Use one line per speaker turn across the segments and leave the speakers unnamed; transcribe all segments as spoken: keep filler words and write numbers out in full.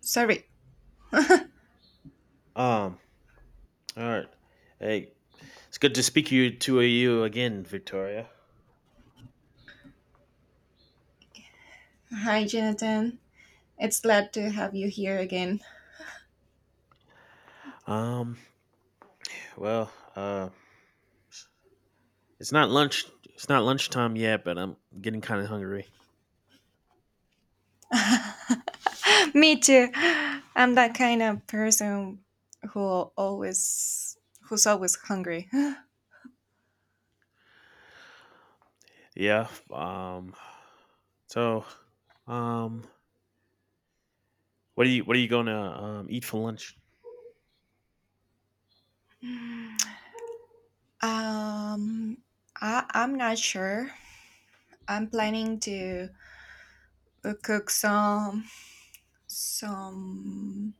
Sorry.
Um, all right. Hey, it's good to speak you to you again, Victoria.
Hi, Jonathan. It's glad to have you here again.
Um, well, uh, it's not lunch. It's not lunchtime yet, but I'm getting kind of hungry.
Me too. I'm that kind of person who always who's always hungry.
Yeah. Um, so, um, what are you what are you gonna um, eat for lunch?
Um, I I'm not sure. I'm planning to uh, cook some some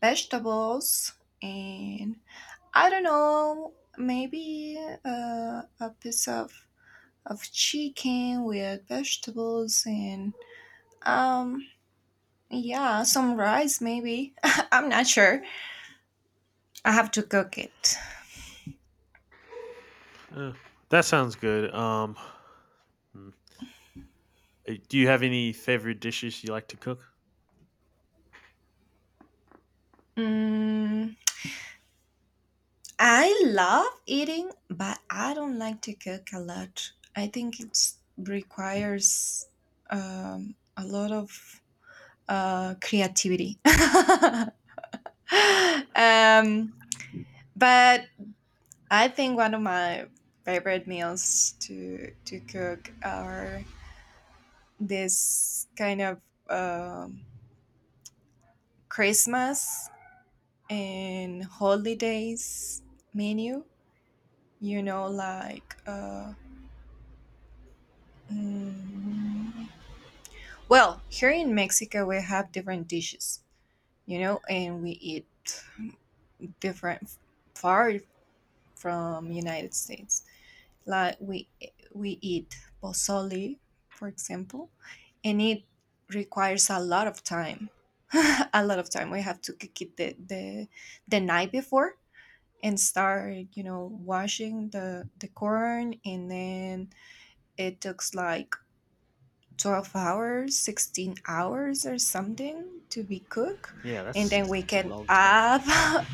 vegetables and I don't know, maybe uh, a piece of of chicken with vegetables and um yeah, some rice maybe. I'm not sure. I have to cook it.
Uh, that sounds good. Um, mm, eh, do you have any favorite dishes you like to cook?
Mm, I love eating, but I don't like to cook a lot. I think it requires um, a lot of uh, creativity. um, but I think one of my favorite meals to to cook are this kind of um Christmas and holidays menu, you know, like uh, mm, well, here in Mexico we have different dishes, you know, and we eat different, far from United States. Like we we eat pozole, for example, and it requires a lot of time. A lot of time, we have to cook it the, the the night before and start, you know, washing the the corn, and then it takes like twelve hours, sixteen hours or something to be cooked,
Yeah,
and then we
that's a
can
long time.
add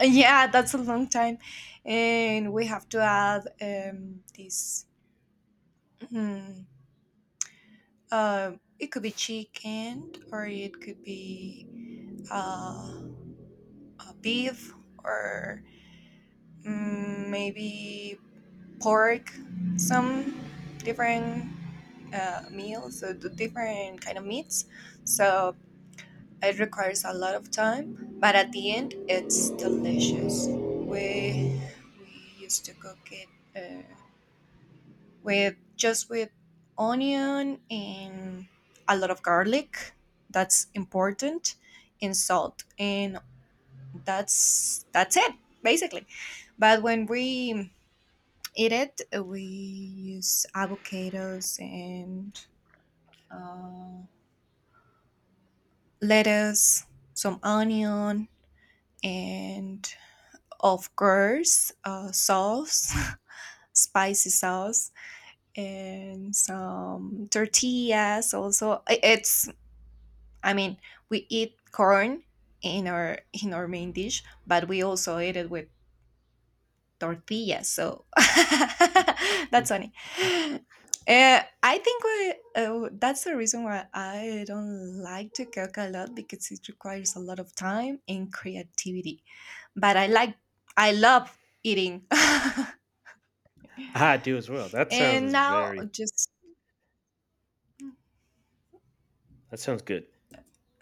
yeah, that's a long time. And we have to add um this mm, uh, it could be chicken, or it could be uh, a beef, or mm, maybe pork, some different uh, meals, so the different kind of meats. So it requires a lot of time, but at the end, it's delicious. We we used to cook it uh, with just with onion and a lot of garlic. That's important, and salt, and that's that's it basically. But when we eat it, we use avocados and uh, lettuce, some onion, and of course, uh, sauce, spicy sauce, and some tortillas. Also, I- it's I mean, we eat corn in our in our main dish, but we also eat it with tortillas. So that's funny. Uh, I think we, uh, that's the reason why I don't like to cook a lot, because it requires a lot of time and creativity. But I like, I love eating.
I do as well. That
And
sounds
now,
very.
just
That sounds good.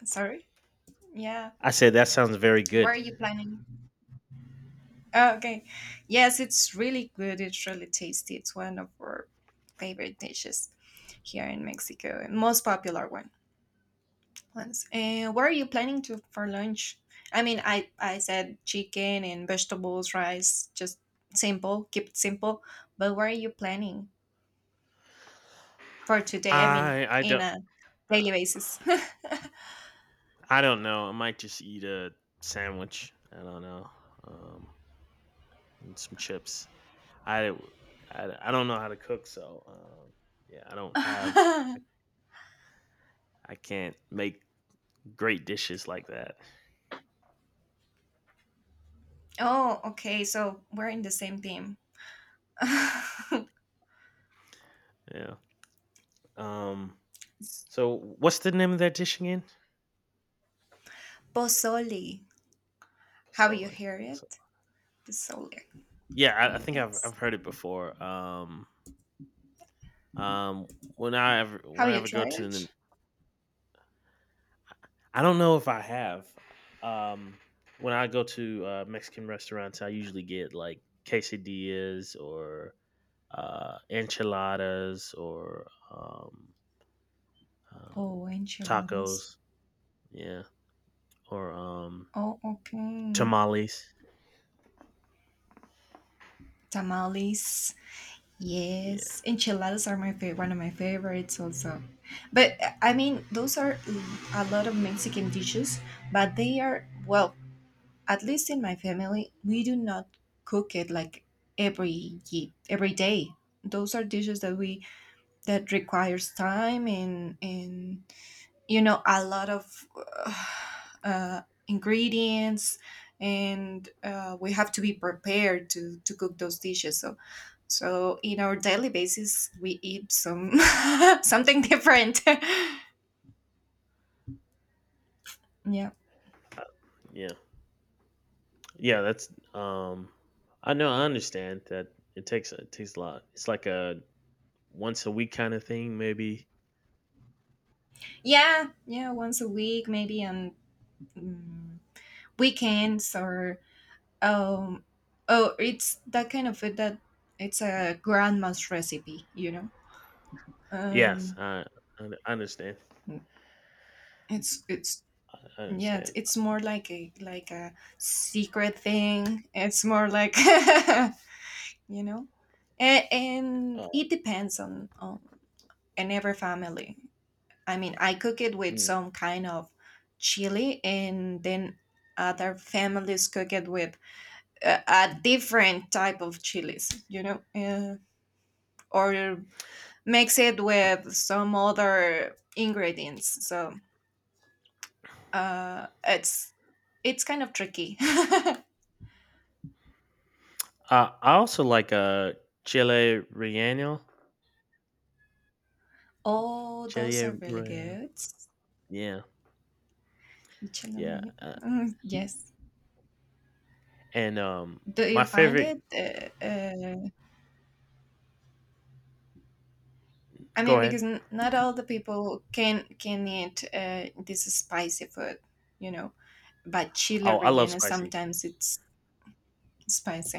sorry, yeah.
I said that sounds very
Where are
good.
you planning? Oh, okay, yes, it's really good. It's really tasty. It's one of our favorite dishes here in Mexico, and most popular one. Once. And what are you planning to for lunch? I mean, I I said chicken and vegetables, rice, just simple, keep it simple. But what are you planning for today? I mean,
I I
in
don't
a
uh,
daily basis.
I don't know. I might just eat a sandwich. I don't know. Um, and some chips. I, I I don't know how to cook, so um, yeah, I don't have. I, I can't make great dishes like that.
Oh, okay. So we're in the same team.
Yeah. Um. So what's the name of that dish again?
Pozole. Have you
Pozole.
heard
Pozole.
it? Pozole.
Yeah, I, I think I've
Yes.
I've heard it before. Um. Um, when I ever when
Have
I
you
ever go
tried
to the—
it?
I don't know if I have. Um, when I go to uh, Mexican restaurants, I usually get like quesadillas or uh, enchiladas or um, um,
Oh,
tacos.
enchiladas.
Yeah, or um,
Oh, okay.
tamales.
Tamales.
Yeah,
Yes, enchiladas are my favorite, one of my favorites also. But uh, I mean, those
just,
are a lot of Mexican dishes, but they are, well, at least in my family, we do not cook it like every ye- every day. Those are dishes that we that requires time and and you know, a lot of uh, uh, ingredients, and uh, we have to be prepared to to cook those dishes. So so in our daily basis, we eat some something different. Yeah,
yeah, yeah. That's um, I know. I understand that it takes it takes a lot. It's like a once a week kind of thing, maybe.
yeah, yeah, once a week, maybe on mm, weekends or um oh, it's that kind of food that it's a grandma's recipe, you know.
Yes,
Um
I I understand.
it's it's
I
Yeah, it's,
understand.
it's more like a like a secret thing. It's more like you know, and, and
Uh,
it depends on on and every family. I mean, I cook it with
mm.
some kind of chili, and then other families cook it with a, a different type of chilies. You know, uh, or mix it with some other ingredients. So uh, it's it's kind of tricky.
Uh, I also like, uh, chile relleno.
Oh, those are
Chile
really
relleno.
good.
Yeah, yeah,
Celery.
uh,
Mm, yes.
and, um,
Do
my
you find it?
favorite—
Uh, uh, I
go
mean,
ahead.
because n not all the people can can eat uh, this spicy food, you know. But chile
Oh, I love
relleno
spicy.
sometimes it's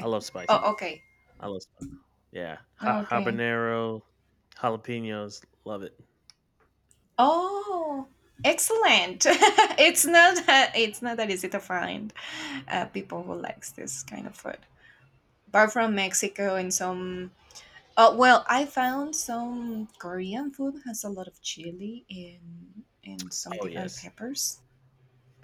I love spicy.
Oh, okay,
I love spicy. Yeah, ha
okay.
habanero, jalapenos, love it.
Oh, excellent. It's not that, it's not that easy to find uh, people who likes this kind of food. Apart from Mexico and some Uh, well, I found some Korean food has a lot of chili and and some
Oh,
different
yes.
peppers,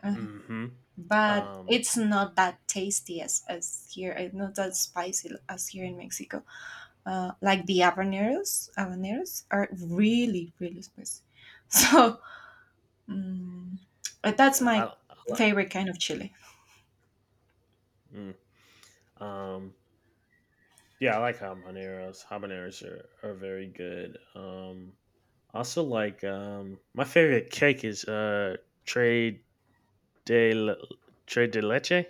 uh,
Mhm.
but
Um,
it's not that tasty as as here. It's not that spicy as here in Mexico. Uh, like the habaneros, habaneros are really really spicy. So mm, but that's
yeah, I
my
I love
favorite kind of chili.
mm, um, yeah, I like habaneros. Habaneros are are very good. um Also, like um, my favorite cake is uh trade de le- trade de leche.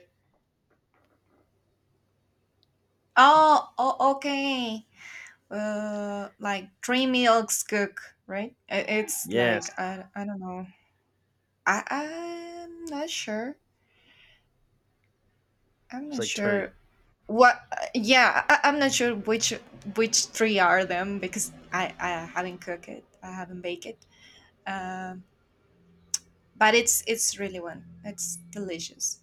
Oh, oh okay. Uh, like three milks cook, right? I- It's like
Yes,
I, I don't know. I I'm not sure. I'm
it's
not
like trade.
sure what. Yeah, I, I'm not sure which which three are them, because I I haven't cooked it. I haven't baked it. Um, but it's it's really one. It's delicious.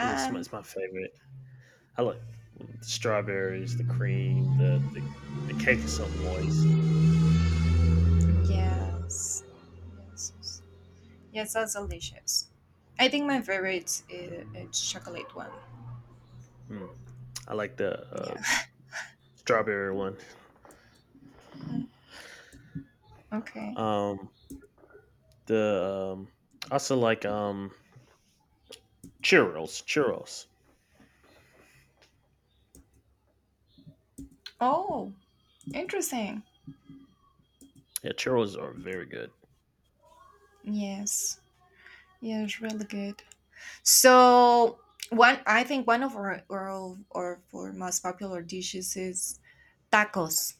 It's, just, my- it's my favorite. I like the strawberries, the cream, the the, the cake is so moist.
yes, yes, yes, yes, that's delicious. I think my favorite is, is chocolate one.
Mm, I like the uh,
Yeah.
strawberry one.
Mm, okay.
Um, the um, I also like um churros. Churros.
Oh, interesting.
Yeah, churros are very good.
Yes. Yes, really good. So one, I think one of our our, our, our most popular dishes is tacos.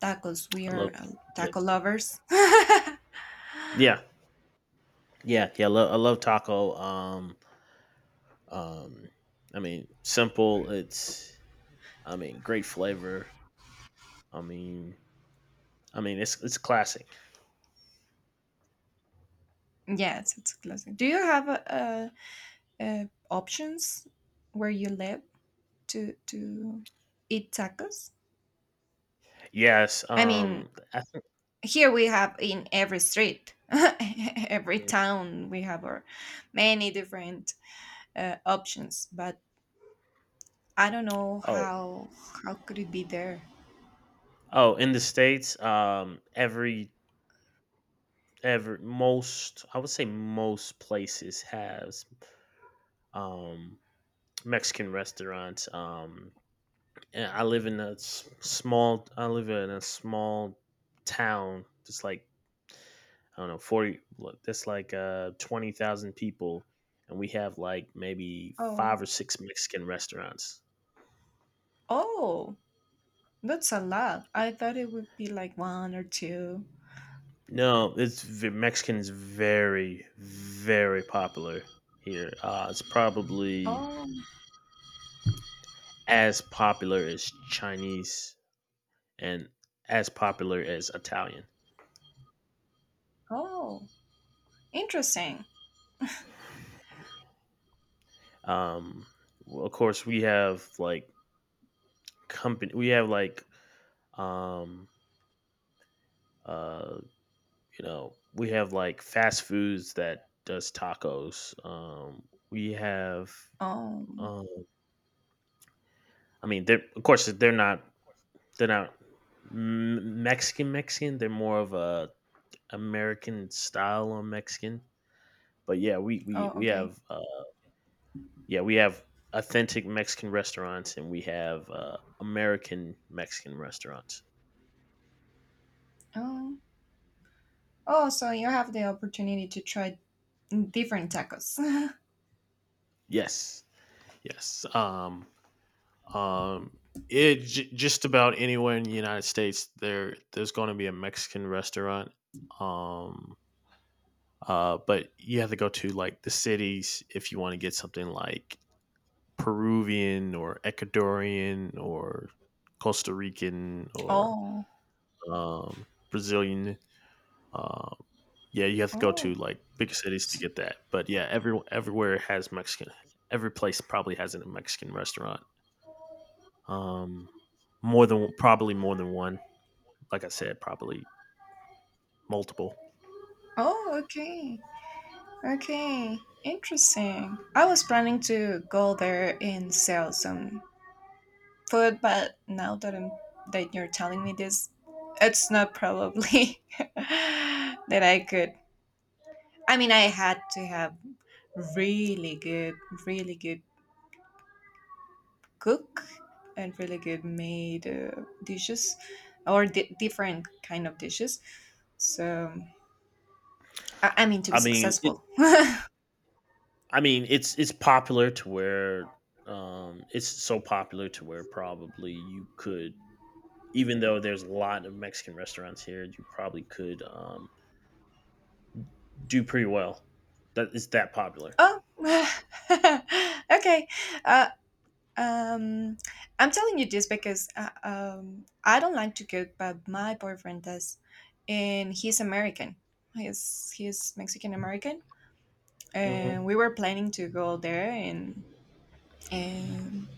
Tacos. We
I love.
are uh,
Yeah,
taco lovers.
yeah, yeah, yeah. I love, I love taco. Um, Um, I mean, simple. It's I mean, great flavor. I mean, I mean, it's it's classic.
Yes, it's a classic. Do you have a, a, a options where you live to to eat tacos?
Yes.
I mean,
Um, I
here we have in every street, every
think.
town we have our many different uh, options. But I don't know
Oh,
how how could it be there.
oh, in the states, um, every every most I would say most places has um Mexican restaurants. Um, and I live in a s- small. I live in a small town, just like I don't know, forty, look, that's like uh, twenty thousand people, and we have like maybe
Oh,
five or six Mexican restaurants.
oh, that's a lot. I thought it would be like one or two.
No, it's v- Mexican is very, very popular here. Uh, it's probably
Oh,
as popular as Chinese and as popular as Italian.
oh, interesting.
Um, well, of course, we have like company, we have like um, uh, you know we have like fast foods that does tacos. Um we have
Um,
um I mean, they're of course they're not, they're not M- mexican mexican, they're more of a American style on Mexican. But yeah, we we
oh,
we
okay.
have uh yeah, we have authentic Mexican restaurants, and we have uh American Mexican restaurants.
Um, oh, so you have the opportunity to try different tacos.
Yes, yes. um Um, it j- just about anywhere in the United States there there's going to be a Mexican restaurant. Um, uh, but you have to go to like the cities if you want to get something like Peruvian or Ecuadorian or Costa Rican or
oh,
um, Brazilian. Uh, yeah, you have to go to
oh,
like big cities to
s-
get that. But yeah, every everywhere has Mexican. Every place probably has a Mexican restaurant. Um, More than probably more than one. Like I said, probably multiple.
oh, okay, okay, interesting. I was planning to go there and sell some food, but now that I'm that you're telling me this, it's not probably that I could. I mean, I had to have really good, really good cook, and really good made uh, dishes or di- different kind of dishes. So, I, I mean, to be
I mean, it.
successful.
I mean, it's it's popular to where um, it's so popular to where probably you could, even though there's a lot of Mexican restaurants here, you probably could um, do pretty well. That it's that popular.
Oh, okay. Uh, Um, I'm telling you this because uh, um, I don't like to cook, but my boyfriend does, and he's American. He's he's Mexican American, and we
Hmm.
were planning to go there and and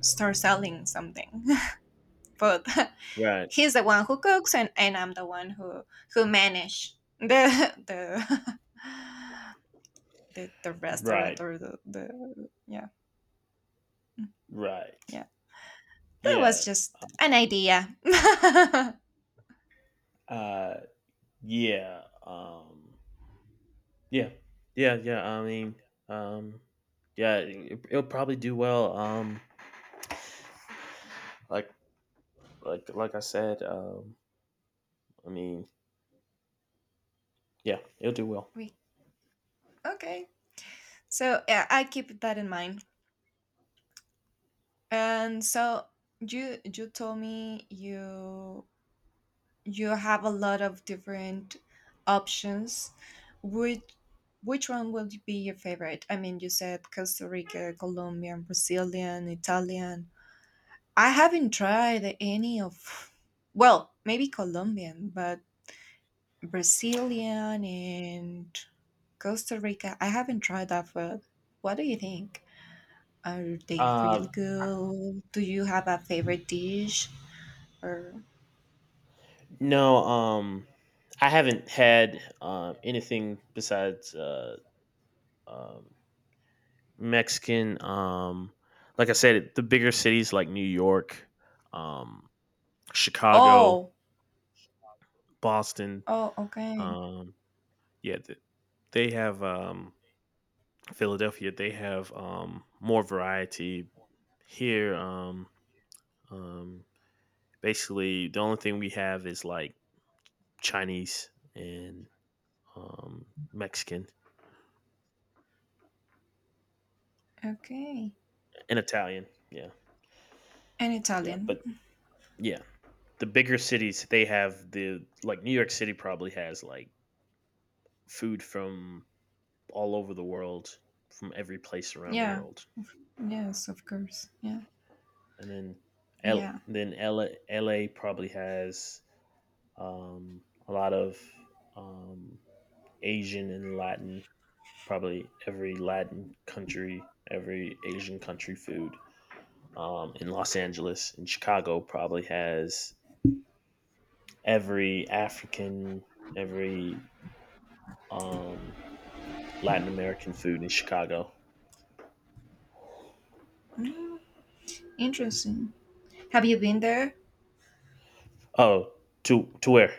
start selling something. But
Right.
he's the one who cooks, and, and I'm the one who who manage the the the, the restaurant
Right.
or the, the, yeah,
Right.
yeah. That was
Yeah.
just an idea.
Uh, yeah. Um, yeah. Yeah. Yeah. I mean, um, yeah, it, it'll probably do well. Um, like like like I said, um, I mean, yeah, it'll do well.
we okay. So yeah, I keep that in mind. And so you you told me you you have a lot of different options. Which which one would be your favorite? I mean, you said Costa Rica, Colombian, Brazilian, Italian. I haven't tried any of well, maybe Colombian, but Brazilian and Costa Rica. I haven't tried that food. What do you think? Are they
Uh,
really good? Do you have a favorite dish or
no, um, I haven't had um, anything besides uh, um, Mexican. Um, like I said, the bigger cities like New York, um, Chicago,
oh,
Boston.
oh, okay.
Um, yeah, th- they have um, Philadelphia. They have um, more variety here. Um, um, Basically, the only thing we have is like Chinese and um, Mexican
Okay.
and Italian. Yeah,
An
yeah,
Italian.
but yeah, the bigger cities they have the like New York City probably has like food from all over the world, from every place around the
Yeah.
world,
Yes, of course. Yeah.
and then L
Yeah.
then L A, L A probably has um, a lot of um, Asian and Latin, probably every Latin country, every Asian country food. Um, in Los Angeles in Chicago probably has every African, every um, Latin American food in Chicago.
Mm, interesting. Have you been there?
Oh, to to where?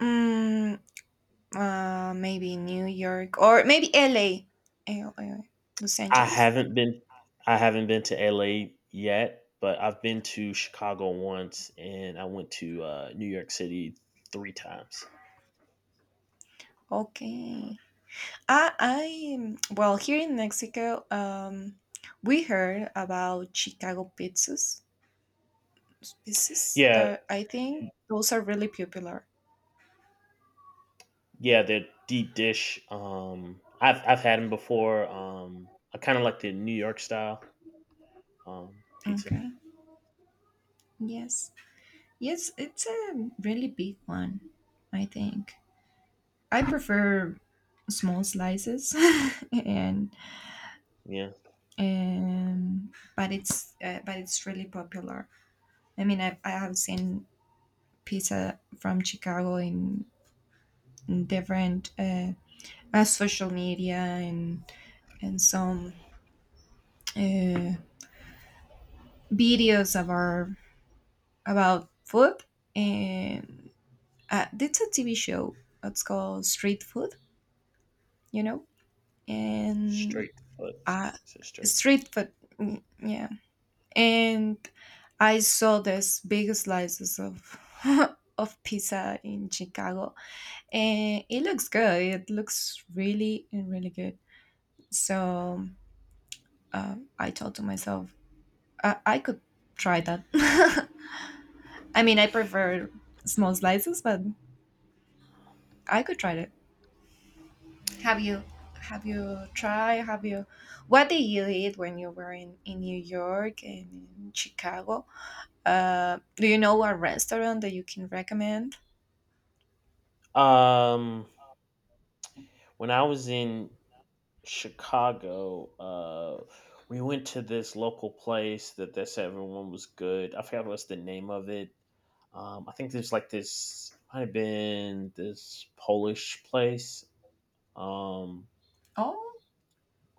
Mm, uh, maybe New York or maybe L A. L A, Los
I
Angeles.
haven't been. I haven't been to L A yet, but I've been to Chicago once, and I went to uh, New York City three times.
Okay. I I well, here in Mexico, um we heard about Chicago pizzas. Pieces
Yeah,
that I think those are really popular.
yeah, the deep dish. Um, I've I've had them before. Um, I kind of like the New York style um, pizza.
Okay. Yes. Yes, it's a really big one, I think. I prefer small slices and
Yeah.
um but it's uh, but it's really popular. I mean, I I have seen pizza from Chicago in, in different uh, uh social media and and some uh videos of our about food, and uh, that's a T V show. It's called Street Food, you know, and
Straight foot.
uh,
Is it straight?
Street Food, mm, yeah. And I saw this big slices of of pizza in Chicago, and it looks good. It looks really and really good. So uh, I thought to myself, uh, I could try that. I mean, I prefer small slices, but I could try that. Have you have you tried? Have you what did you eat when you were in, in New York and in Chicago? Uh, do you know a restaurant that you can recommend?
Um, when I was in Chicago, uh, we went to this local place that they said everyone was good. I forgot what's the name of it. Um, I think there's like this might have been this Polish place, um,
Oh,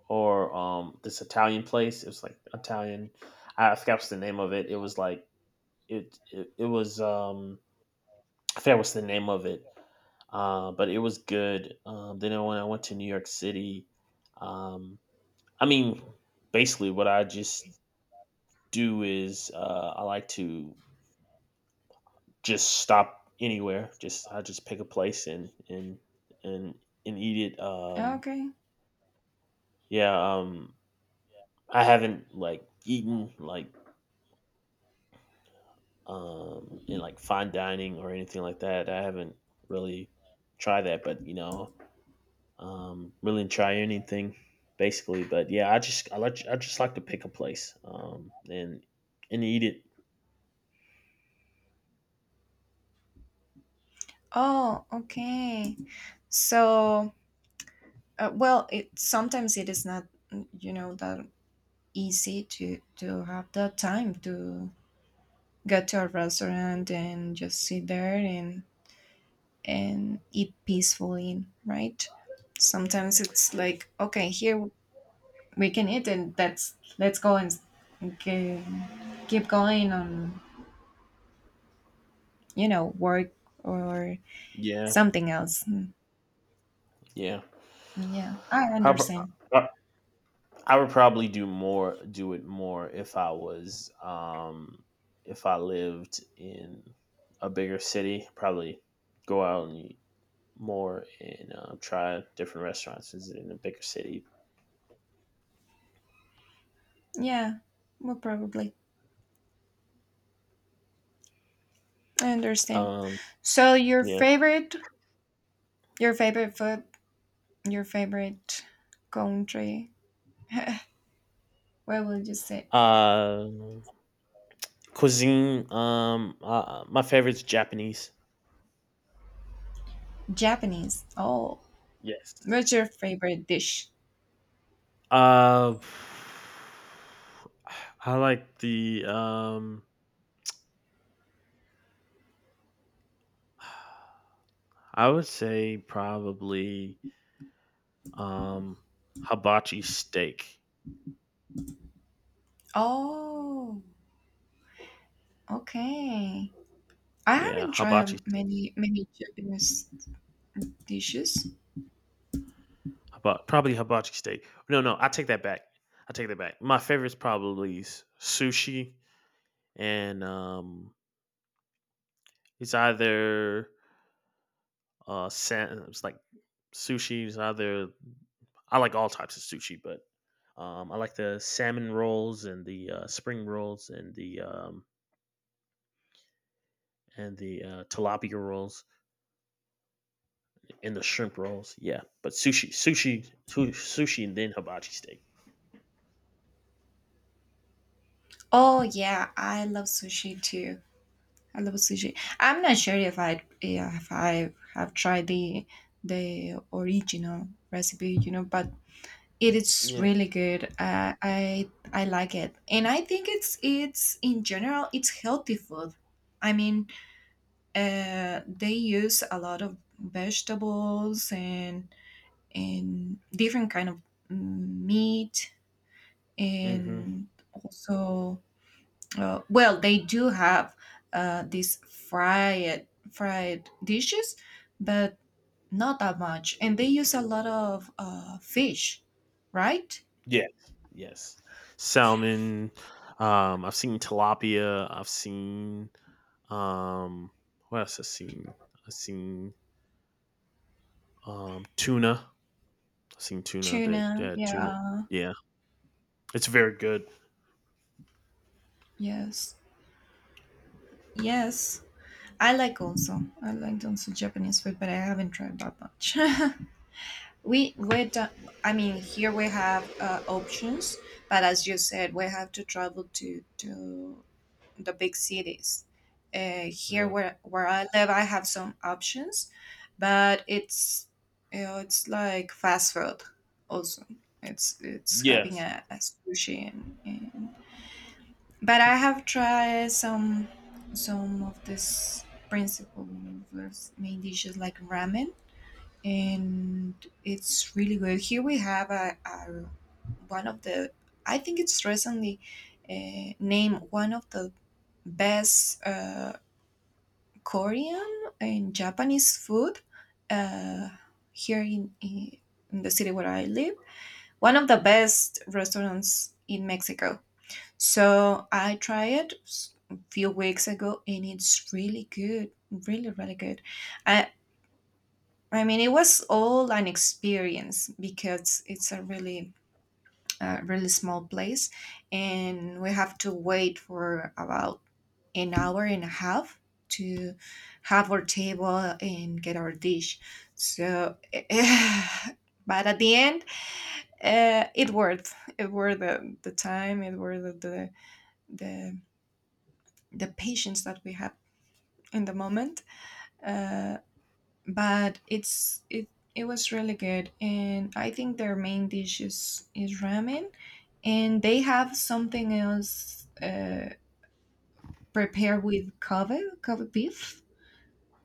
or um, this Italian place. It was like Italian. I forgot what's the name of it. It was like it. It, it was. Um, I forgot what's the name of it, uh, but it was good. Um, then when I went to New York City, um, I mean, basically what I just do is uh, I like to just stop anywhere. Just I just pick a place and and and and eat it. Um,
okay.
yeah, um, I haven't like eaten like um, in like fine dining or anything like that. I haven't really tried that, but you know, um, willing try anything basically. But yeah, I just I like I just like to pick a place um, and and eat it.
Oh, okay. So, uh, well, it sometimes it is not mm, you know, that easy to to have the time to go to a restaurant and just sit there and and eat peacefully, right? Sometimes it's like, okay, here we can eat, and that's let's go and s- ge- keep going on, you know, work or
Yeah,
something else. Mm,
yeah.
mm, Yeah, I
I, pr-
understand.
I I would probably do more do it more if I was um, if I lived in a bigger city. Probably go out and eat more and uh, try different restaurants in a bigger city.
Yeah, well, probably I understand.
Um,
So your
yeah.
favorite, your favorite food, your favorite country. What will you say?
Uh, Cuisine, um, uh, my favorite's Japanese.
Japanese. Oh,
Yes.
what's your favorite dish?
Uh, I like the um, I would say probably um, hibachi steak.
Oh, okay. I
Yeah,
haven't
hibachi,
tried many many Japanese dishes.
hibachi, probably hibachi steak. No, no, I take that back. I take that back. My favorite's probably s- sushi, and um, it's either uh, sa- it's like sushi's either I like all types of sushi, but um, I like the salmon rolls and the uh, spring rolls and the um, and the uh, tilapia rolls and the shrimp rolls. Yeah, but sushi, sushi, su- sushi, and then hibachi steak.
Oh yeah, I love sushi too. I love sushi. I'm not sure if I yeah, if I have tried the the original recipe, you know, but it is
Yeah.
really good. Uh, I I like it, and I think it's it's in general, it's healthy food. I mean, uh, they use a lot of vegetables and and different kind of mm, meat
Mm-hmm.
and also uh, well they do have uh, these fried fried dishes but not that much, and they use a lot of uh, fish, right?
Yes, yes. Salmon. Um, I've seen tilapia. I've seen um, what else? I've seen. I've seen um, tuna. I've seen tuna. They, they
Tuna,
had tuna.
yeah.
Yeah, it's very good.
Yes, yes, I like also I like also Japanese food, but I haven't tried that much. We we don't, I mean here we have uh, options, but as you said, we have to travel to to the big cities. Uh, here
Yeah.
where where I live, I have some options, but it's you know, it's like fast food also. It's it's having
Yes.
a, a sushi and, and but I have tried some some of this principle of main dishes like ramen, and it's really good. Here we have a, a one of the, I think it's recently uh, named one of the best uh, Korean and Japanese food uh, here in, in in the city where I live. One of the best restaurants in Mexico. So I tried it s- a few weeks ago, and it's really good, really really good. I I mean, it was all an experience because it's a really, uh, really small place, and we have to wait for about an hour and a half to have our table and get our dish. So, but at the end, uh, it worth it worth the, the time, it worth the the the patience that we had in the moment. Uh, but it's it it was really good, and I think their main dish is is ramen, and they have something else uh prepared with kava kava beef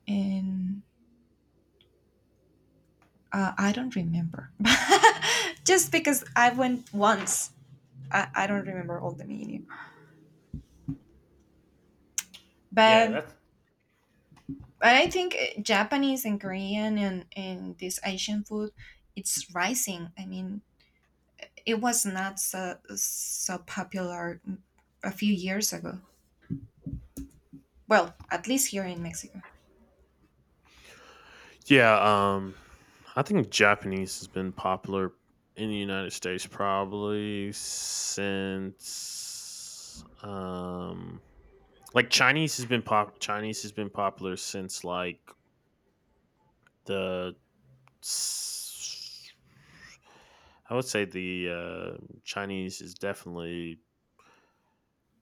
and uh, I don't remember. Just because I went once, I, I don't remember all the menu,
Yeah,
but
that's.
but I think uh, Japanese and Korean and and this Asian food, it's rising, I mean, it was not so, so popular a few years ago. Well, at least here in Mexico.
Yeah, um, I think Japanese has been popular in the United States probably since um like Chinese has been pop Chinese has been popular since like the s- I would say the uh, Chinese is definitely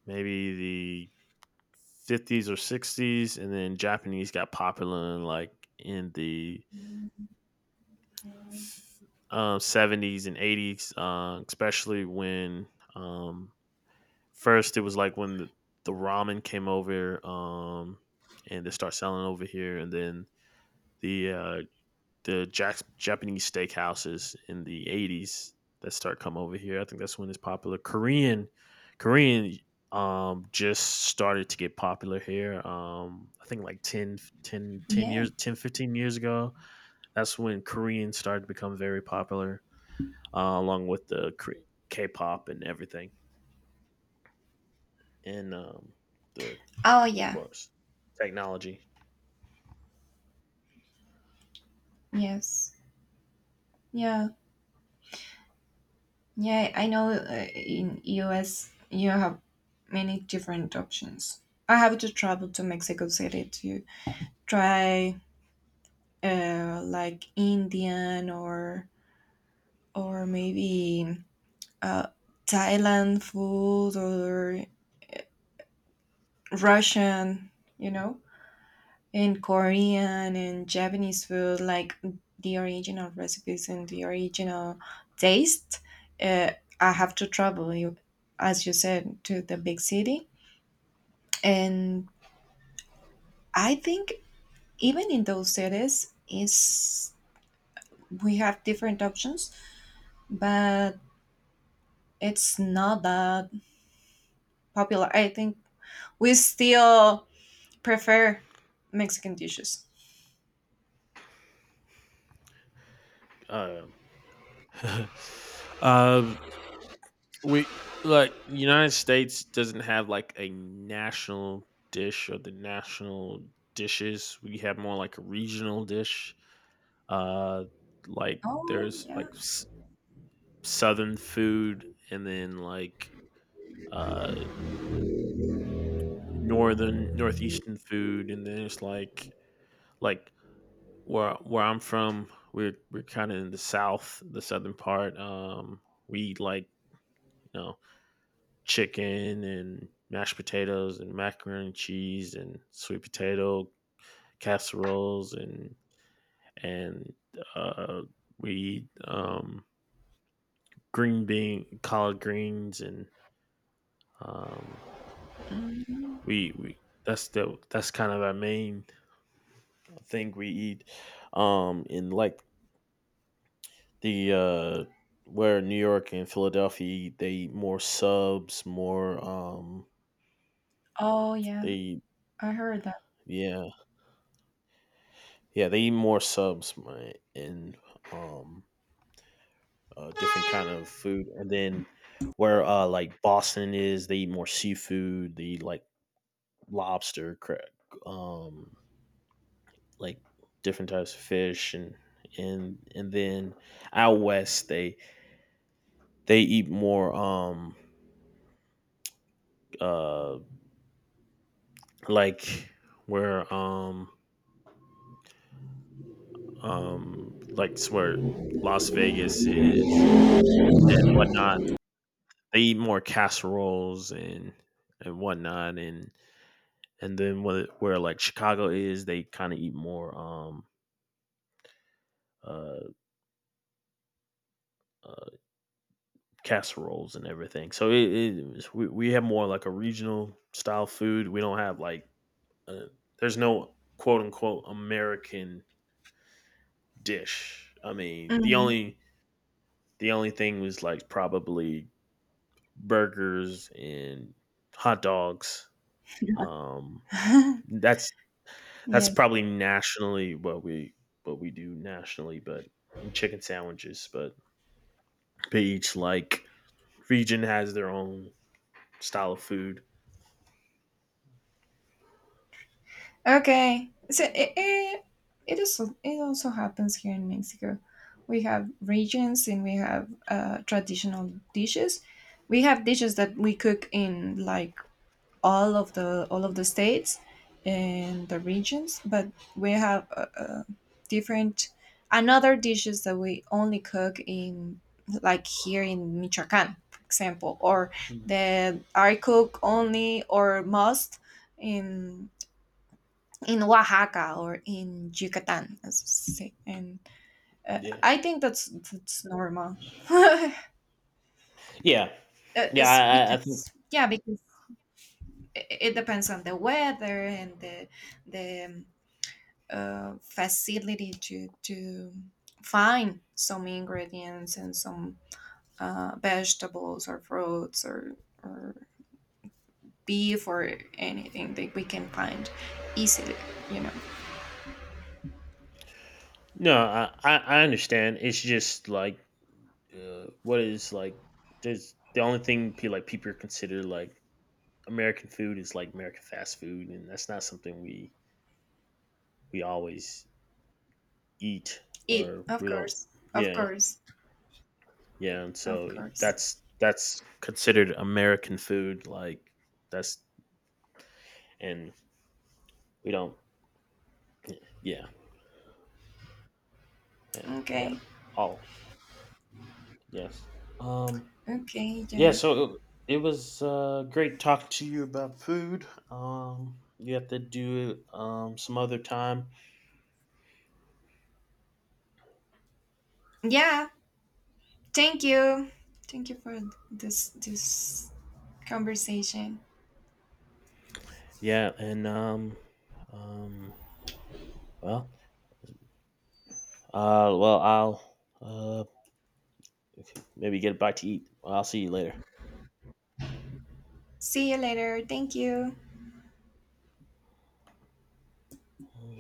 maybe the fifties or sixties, and then Japanese got popular in like in the um, seventies and eighties, uh, especially when um, first it was like when the, the ramen came over, um, and they start selling over here, and then the uh, the Jax Japanese steakhouses in the eighties that start come over here. I think that's when it's popular. Korean Korean um just started to get popular here, um I think like ten, ten, ten
Yeah.
years ten, fifteen years ago. That's when Korean started to become very popular, uh, along with the K-pop and everything, and um, the of
Oh, yeah.
course technology.
Yes. Yeah. Yeah. I know uh, in U S you have many different options. I have to travel to Mexico City to try uh, like Indian or or maybe uh, Thailand food or Russian. You know. In Korean and Japanese food, like the original recipes and the original taste, uh, I have to travel, you, as you said, to the big city. And I think even in those cities, is we have different options, but it's not that popular. I think we still prefer Mexican dishes.
Um, uh, we like United States doesn't have like a national dish or the national dishes. We have more like a regional dish. Uh, like
Oh
there's like
yeah.
s- southern food, and then like uh northern northeastern food, and then there's like like where where I'm from, we're we're kind of in the south, the southern part. Um, we eat like you know chicken and mashed potatoes and macaroni and cheese and sweet potato casseroles and and uh, we eat um, green bean collard greens and um,
Mhm.
we we that's the that's kind of our main thing we eat, um and like the uh where New York and Philadelphia they eat more subs, more um
Oh yeah,
they
I heard that.
yeah. Yeah, they eat more subs mi- and um uh, different kind of food, and then where uh like Boston is they eat more seafood, they eat like lobster, cra- um like different types of fish, and and and then out west they they eat more um uh like where um um, like where Las Vegas is and, and whatnot. They eat more casseroles and and whatnot, and and then where, where like Chicago is, they kind of eat more um uh, uh casseroles and everything. So it, it is— we we have more like a regional style food. We don't have like uh, there's no quote unquote American dish. I mean, the
Mhm.
only the only thing was like probably burgers and hot dogs. Um, that's that's
Yes.
probably nationally what we what we do nationally, but and chicken sandwiches. But they each like region has their own style of food.
Okay. So it, it, it also it also happens here in Mexico. We have regions and we have uh, traditional dishes. We have dishes that we cook in like all of the all of the states and the regions, but we have uh, uh, different another dishes that we only cook in like here in Michoacán, for example, or
Mhm.
that I cook only or most in in Oaxaca or in Yucatan, as you say. And uh,
Yeah,
I think that's that's normal.
yeah,
Uh,
yeah.
it's
I, I, I think
because yeah, because it, it depends on the weather and the the um, uh, facility to to find some ingredients and some uh, vegetables or fruits or or beef or anything that we can find easily. You know,
no, I I I understand. It's just like uh, what is like there's the only thing pe- like people consider like American food is like American fast food, and that's not something we we always eat
eat
or
of
we don't,
course, of
yeah.
course,
Yeah, and
of
so
course.
that's that's considered American food. Like, that's— and we don't, yeah, yeah, we got
Okay.
all, yes. um
Okay,
yeah,
then.
so it, it was uh great talking to you about food. Um you have to do it um some other time.
Yeah, thank you. Thank you for this this conversation.
Yeah, and um um well, uh well I'll uh okay, maybe get a bite to eat. I'll see you later.
See you later. Thank you.